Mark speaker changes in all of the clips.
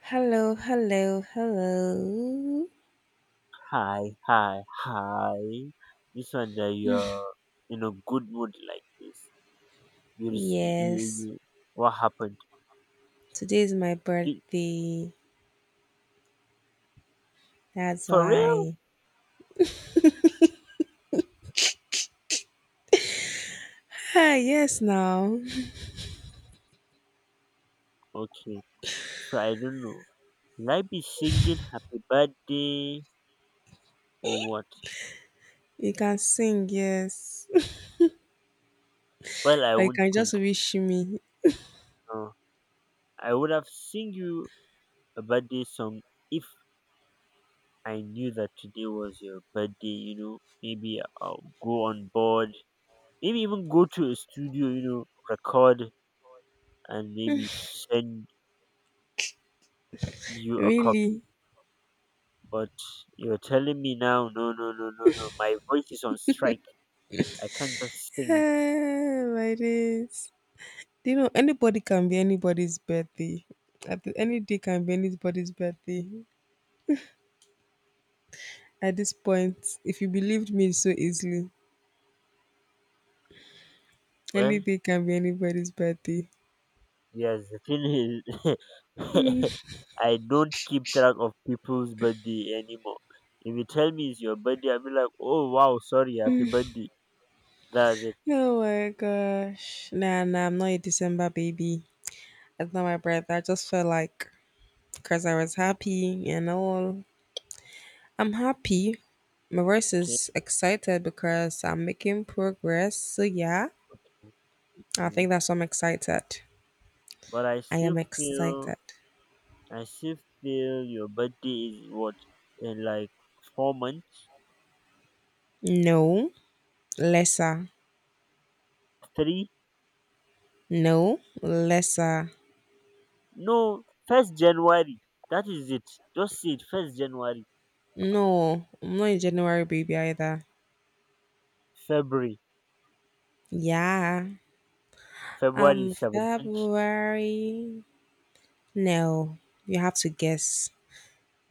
Speaker 1: Hello, hello, hello.
Speaker 2: Hi. This one, that you're in a good mood like this. You, just- you,
Speaker 1: Yes,
Speaker 2: you, what happened?
Speaker 1: today is my
Speaker 2: You-
Speaker 1: birthday. That's
Speaker 2: for real?
Speaker 1: why. Ah, yes, now
Speaker 2: Okay, so I don't know. Will I be singing happy birthday or what?
Speaker 1: you can sing, yes.
Speaker 2: Well, I
Speaker 1: Or you
Speaker 2: won't
Speaker 1: can just
Speaker 2: think.
Speaker 1: wish me.
Speaker 2: No, I would have sing you a birthday song if I knew that today was your birthday, you know. Maybe I'll go on board, maybe even go to a studio, record and maybe send you a copy.
Speaker 1: Really?
Speaker 2: But you're telling me now, no. My voice is on strike. I can't just sing.
Speaker 1: Ah, my days. Do you know anybody can be anybody's birthday? Any day can be anybody's birthday. At this point, if you believed me so easily, any
Speaker 2: Well,
Speaker 1: day can be anybody's birthday.
Speaker 2: yes, the thing is, I don't keep track of people's birthday anymore. If you tell me it's your birthday, I'll be like, oh wow, sorry, happy birthday. That's it.
Speaker 1: Oh my gosh. Nah, nah, I'm not a December baby. That's not my breath. I just felt like because I was happy and all. I'm happy. My voice
Speaker 2: Okay.
Speaker 1: is excited because I'm making progress. So, yeah, I
Speaker 2: Mhm.
Speaker 1: think that's why I'm excited.
Speaker 2: But I
Speaker 1: I am
Speaker 2: still feel,
Speaker 1: excited.
Speaker 2: I still feel your birthday is what in like 4 months,
Speaker 1: No, lesser.
Speaker 2: three.
Speaker 1: No, lesser.
Speaker 2: No, first January. That is it. Just say it. First January.
Speaker 1: No, I'm not a January baby either.
Speaker 2: February.
Speaker 1: Yeah,
Speaker 2: February
Speaker 1: I'm
Speaker 2: 17th.
Speaker 1: February. No, you have to guess.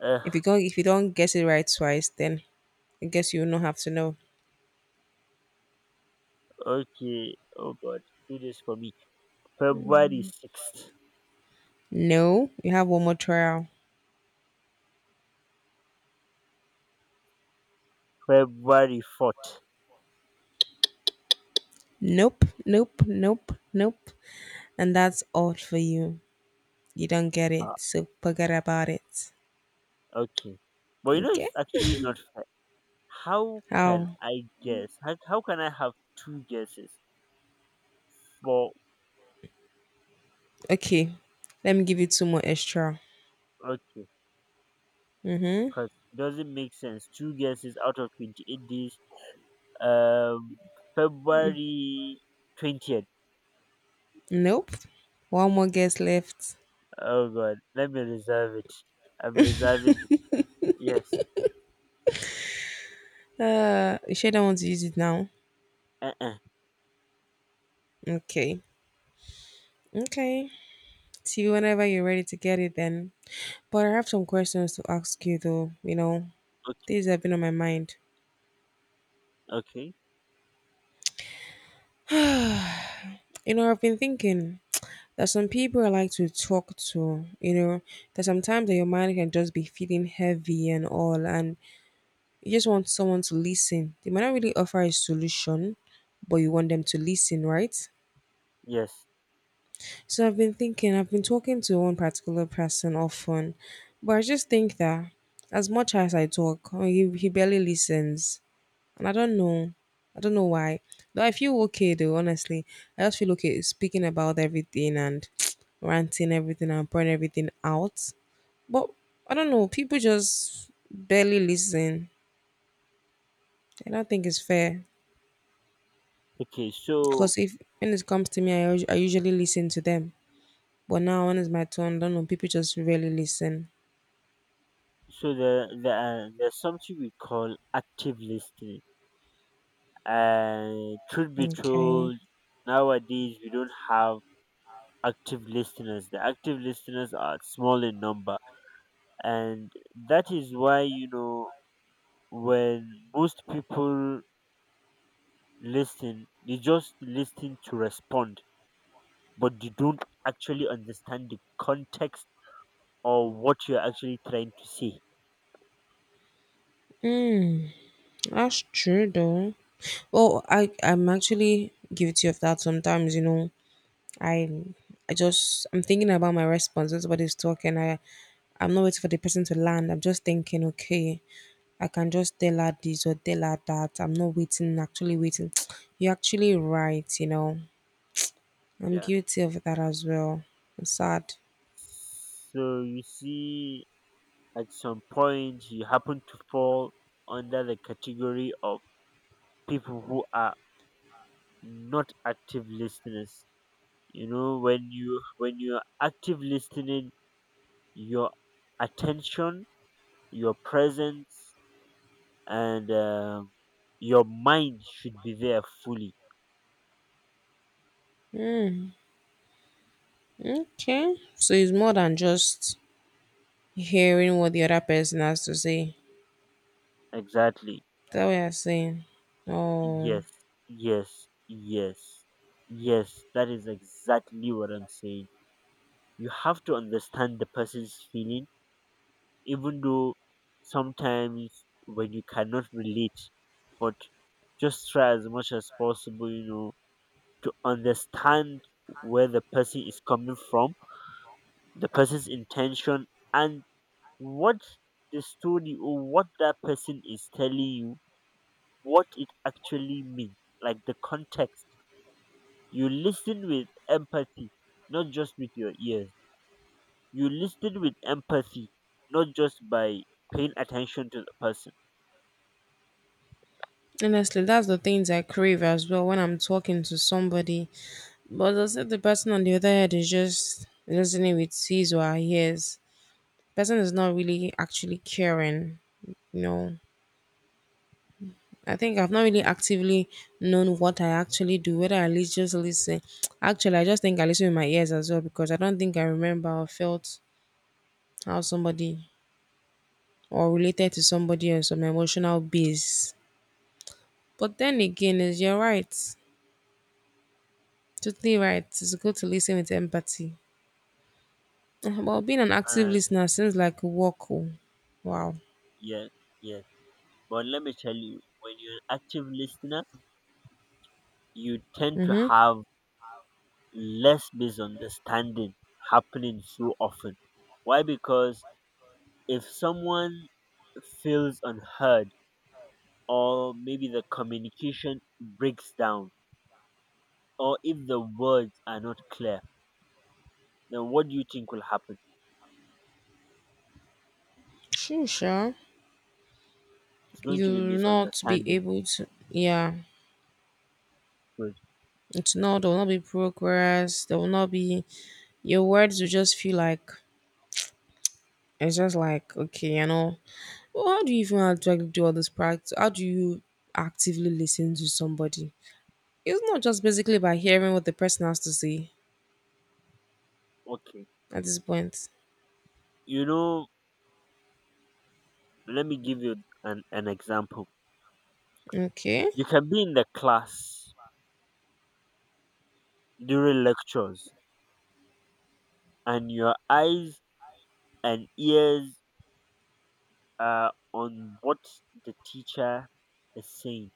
Speaker 2: Uh,
Speaker 1: If you don't get it right twice, then I guess you will not have to know.
Speaker 2: okay. Oh God. Do this for me. February 6th.
Speaker 1: No, you have one more trial.
Speaker 2: February 4th.
Speaker 1: Nope, nope, nope, nope. And that's all for you. You don't get it,
Speaker 2: Uh,
Speaker 1: so forget about it.
Speaker 2: okay. But you know,
Speaker 1: Okay?
Speaker 2: it's actually not fair. How can
Speaker 1: How?
Speaker 2: I guess? How can I have two guesses? But,
Speaker 1: Okay. Let me give you two more extra.
Speaker 2: okay.
Speaker 1: Mm-hmm.
Speaker 2: Because it doesn't make sense. Two guesses out of 28 days. Um, February 20th.
Speaker 1: Nope. One more guess left.
Speaker 2: Oh God, let me reserve it. I'm reserving it. Yes.
Speaker 1: You sure don't want to use it now?
Speaker 2: Uh-uh.
Speaker 1: Okay. Okay. See you whenever you're ready to get it then. But I have some questions to ask you though.
Speaker 2: Okay.
Speaker 1: Things have been on my mind.
Speaker 2: Okay.
Speaker 1: I've been thinking that some people I like to talk to, that sometimes that your mind can just be feeling heavy and all, and you just want someone to listen. They might not really offer a solution, but you want them to listen, right?
Speaker 2: Yes.
Speaker 1: So I've been talking to one particular person often, but I just think that as much as I talk, he barely listens and I don't know. I don't know why. Though I feel okay though, honestly. I just feel okay speaking about everything and ranting everything and pouring everything out. But I don't know, people just barely listen. I don't think it's fair.
Speaker 2: Okay. So
Speaker 1: Because if when it comes to me, I usually listen to them. But now when it's my turn, I don't know, people just really listen.
Speaker 2: so there there are, there's something we call active listening. And truth be
Speaker 1: Okay.
Speaker 2: told, nowadays we don't have active listeners. The active listeners are small in number, and that is why when most people listen, they just listen to respond but they don't actually understand the context or what you're actually trying to say.
Speaker 1: Mm, that's true though. Well, I'm actually guilty of that sometimes. I I'm thinking about my responses. Everybody's talking. I'm not waiting for the person to land. I'm just thinking, okay, I can just tell her this or tell her that. I'm not waiting, actually waiting. You're actually right. I'm
Speaker 2: Yeah.
Speaker 1: guilty of that as well. I'm sad.
Speaker 2: So you see, at some point, you happen to fall under the category of people who are not active listeners. You know, when you're active listening, your attention your presence and your mind should be there fully.
Speaker 1: Okay. So it's more than just hearing what the other person has to say. Is
Speaker 2: Exactly.
Speaker 1: that way I'm saying. Oh.
Speaker 2: Yes yes yes yes That is exactly what I'm saying. You have to understand the person's feeling, even though sometimes when you cannot relate, but just try as much as possible, you know, to understand where the person is coming from, the person's intention, and what the story or what that person is telling you, what it actually means, like the context. You listen with empathy, not just with your ears. You listen with empathy, not just by paying attention to the person.
Speaker 1: Honestly, that's the things I crave as well when I'm talking to somebody. But as I said, the person on the other end is just listening with his or her ears. Person is not really actually caring. You know, I think I've not really actively known what I actually do, whether I just listen. Actually, I just think I listen with my ears as well because I don't think I remember or felt how somebody or related to somebody on some emotional base. But then again, is you're right. Totally right. It's good to listen with empathy. Well,
Speaker 2: Yes.
Speaker 1: being an active
Speaker 2: Uh,
Speaker 1: listener seems like a work. Oh. Wow.
Speaker 2: yeah, yeah. But let me tell you, when you're an active listener, you tend to
Speaker 1: Mm-hmm.
Speaker 2: have less misunderstanding happening so often. Why? Because if someone feels unheard, or maybe the communication breaks down, or if the words are not clear, then what do you think will happen?
Speaker 1: Sure, sure.
Speaker 2: It's going to be
Speaker 1: You'll not be
Speaker 2: misunderstanding.
Speaker 1: able to. Yeah.
Speaker 2: Good.
Speaker 1: It's not. There will not be progress. There will not be. Your words will just feel like it's just like okay. Well, how do you even actually do all this practice? How do you actively listen to somebody? It's not just basically by hearing what the person has to say
Speaker 2: Okay.
Speaker 1: at this point.
Speaker 2: You know, let me give you an example.
Speaker 1: Okay.
Speaker 2: You can be in the class during lectures, and your eyes and ears are on what the teacher is saying.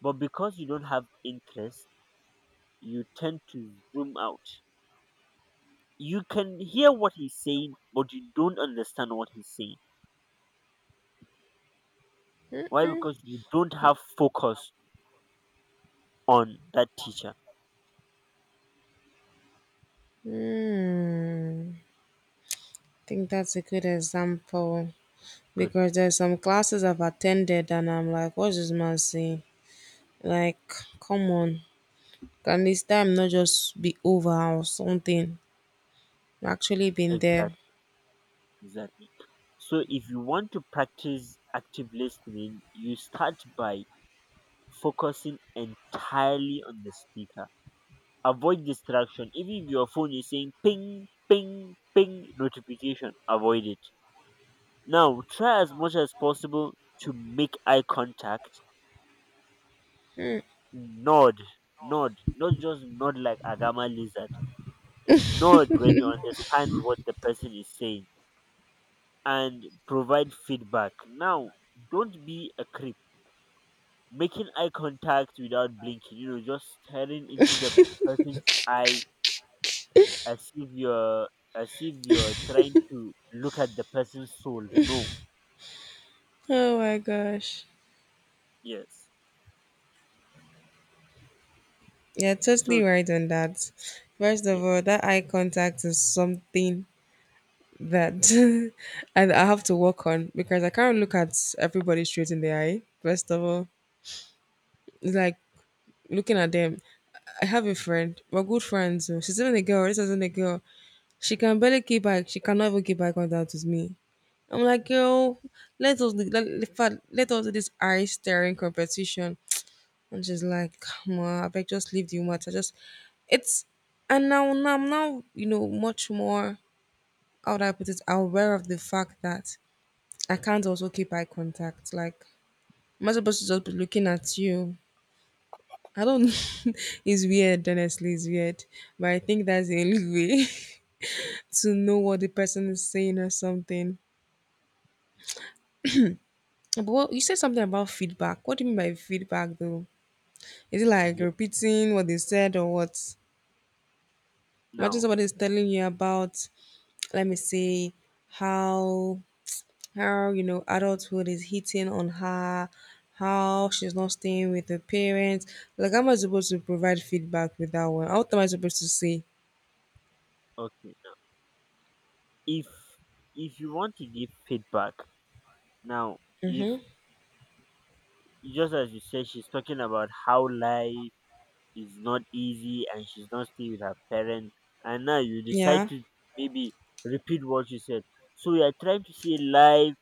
Speaker 2: But because you don't have interest, you tend to zoom out. You can hear what he's saying, but you don't understand what he's saying. Why? Because you don't have focus on that teacher.
Speaker 1: Hmm. Think that's a good example
Speaker 2: Good.
Speaker 1: because there's some classes I've attended and I'm like, what's this man saying? Like, come on, can this time not just be over or something? I've actually been there.
Speaker 2: Exactly. Exactly. So if you want to practice active listening, you start by focusing entirely on the speaker. Avoid distraction. Even if your phone is saying ping, ping, ping notification, avoid it. Now try as much as possible to make eye contact. Nod, nod, not just nod like Agama lizard. Nod when you understand what the person is saying and provide feedback. Now, don't be a creep. Making eye contact without blinking, you know, just staring into the person's eye as if you're as if you're trying to look at the person's soul. No.
Speaker 1: Oh my gosh.
Speaker 2: Yes.
Speaker 1: Yeah, totally
Speaker 2: So
Speaker 1: right on that. First of
Speaker 2: yeah,
Speaker 1: all, that eye contact is something that and I have to work on because I can't look at everybody straight in the eye. First of all, it's like looking at them. I have a friend. We're good friends. Oh. She's even a girl. This isn't a girl. She can barely keep back. She cannot even keep back on that with me. I'm like, girl, let, in fact, let us do this eye staring competition. And she's like, come on, I beg, just leave the matter. Just it's and now I'm now, much more how do I put it, aware of the fact that I can't also keep eye contact. Like I'm not supposed to just be looking at you I don't. it's weird, honestly. It's weird, but I think that's the only way to know what the person is saying or something. But what, you said something about feedback. What do you mean by feedback, though? Is it like
Speaker 2: yeah.
Speaker 1: repeating what they said or what? Imagine
Speaker 2: Now,
Speaker 1: somebody is telling you about, let me say, how adulthood is hitting on her, how she's not staying with her parents. Like, how am I supposed to provide feedback with that one? How am I supposed to say?
Speaker 2: okay. If if you want to give feedback, now if
Speaker 1: Mm-hmm.
Speaker 2: just as you said, she's talking about how life is not easy and she's not staying with her parents. And now you decide
Speaker 1: Yeah.
Speaker 2: to maybe repeat what you said. So you are trying to say life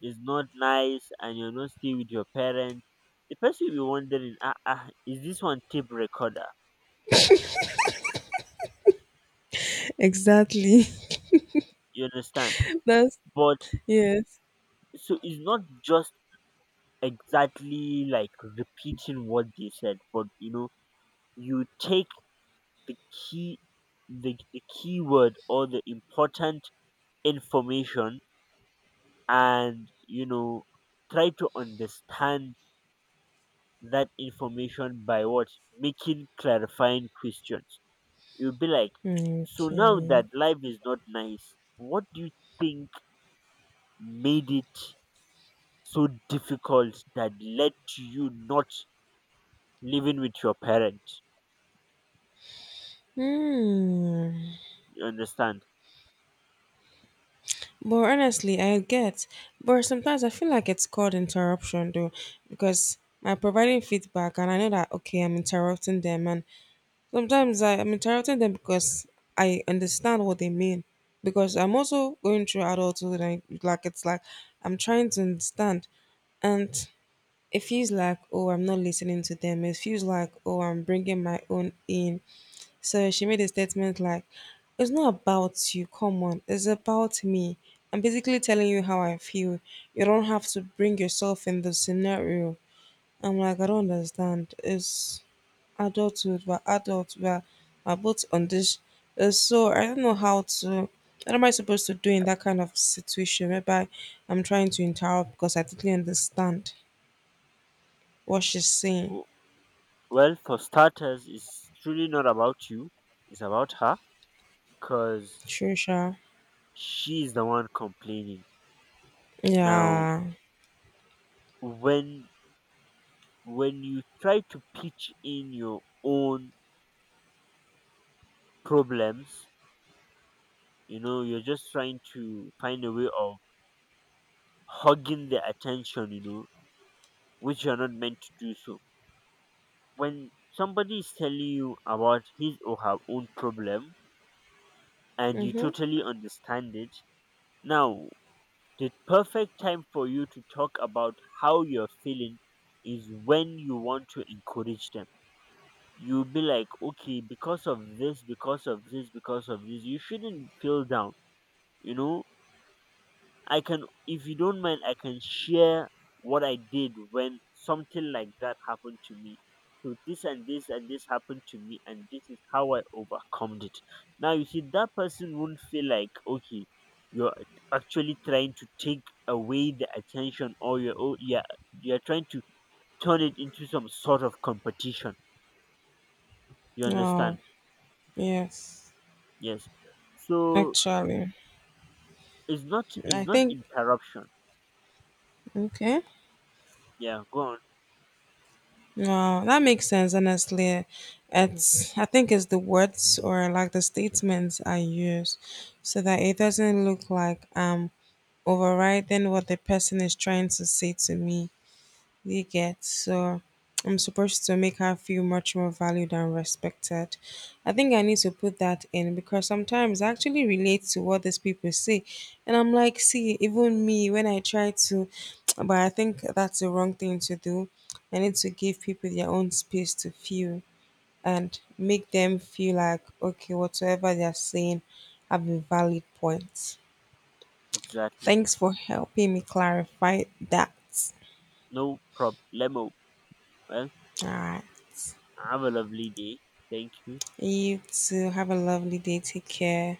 Speaker 2: is not nice and you're not staying with your parents. The person will be wondering, ah, ah, is this one tape recorder?
Speaker 1: Exactly.
Speaker 2: You understand?
Speaker 1: That's
Speaker 2: But
Speaker 1: yes.
Speaker 2: so it's not just exactly like repeating what they said, but you know, you take the key the key word or the important information and you know try to understand that information by what, making clarifying questions. You'll be like, so now that
Speaker 1: Okay.
Speaker 2: life is not nice, what do you think made it so difficult that led to you not living with your parents?
Speaker 1: Hmm.
Speaker 2: You understand?
Speaker 1: But honestly, I get. But sometimes I feel like it's called interruption though, because I'm providing feedback and I know that okay, I'm interrupting them, and sometimes I'm interrupting them because I understand what they mean. Because I'm also going through adulthood, and like it's like I'm trying to understand and it feels like, oh, I'm not listening to them. It feels like, oh, I'm bringing my own in. So she made a statement like, it's not about you, come on, it's about me. I'm basically telling you how I feel. You don't have to bring yourself in the scenario. I'm like, I don't understand. It's adulthood, we're adults, we're both on this. So I don't know how to, what am I supposed to do in that kind of situation whereby I'm trying to interrupt because I totally understand what she's saying.
Speaker 2: W- well, for starters, it's truly not about you, it's about her, because
Speaker 1: Sure, sure.
Speaker 2: she's the one complaining. Now
Speaker 1: Yeah.
Speaker 2: when when you try to pitch in your own problems, you know, you're just trying to find a way of hogging their attention, you know, which you're not meant to do so. When somebody is telling you about his or her own problem and you
Speaker 1: Mm-hmm.
Speaker 2: totally understand it, now the perfect time for you to talk about how you're feeling is when you want to encourage them. You'll be like, okay, because of this, because of this, because of this, you shouldn't feel down, you know. I can, if you don't mind, I can share what I did when something like that happened to me. So this and this and this happened to me and this is how I overcome it. Now you see that person won't feel like okay, you're actually trying to take away the attention or you're, oh, yeah, you're trying to turn it into some sort of competition. You
Speaker 1: Wow.
Speaker 2: understand?
Speaker 1: Yes.
Speaker 2: Yes. So
Speaker 1: Actually,
Speaker 2: it's not it's
Speaker 1: I
Speaker 2: not
Speaker 1: think
Speaker 2: interruption.
Speaker 1: okay.
Speaker 2: Yeah, go on.
Speaker 1: No, that makes sense. Honestly, it's I think it's the words or like the statements I use, so that it doesn't look like I'm overriding what the person is trying to say to me. You get. So I'm supposed to make her feel much more valued and respected. I think I need to put that in because sometimes I actually relate to what these people say. And I'm like, see, even me, when I try to, but I think that's the wrong thing to do. I need to give people their own space to feel and make them feel like, okay, whatever they're saying have a valid point.
Speaker 2: Exactly.
Speaker 1: Thanks for helping me clarify that.
Speaker 2: No problemo. Well,
Speaker 1: All right.
Speaker 2: have a lovely day. Thank you.
Speaker 1: You too. Have a lovely day. Take care.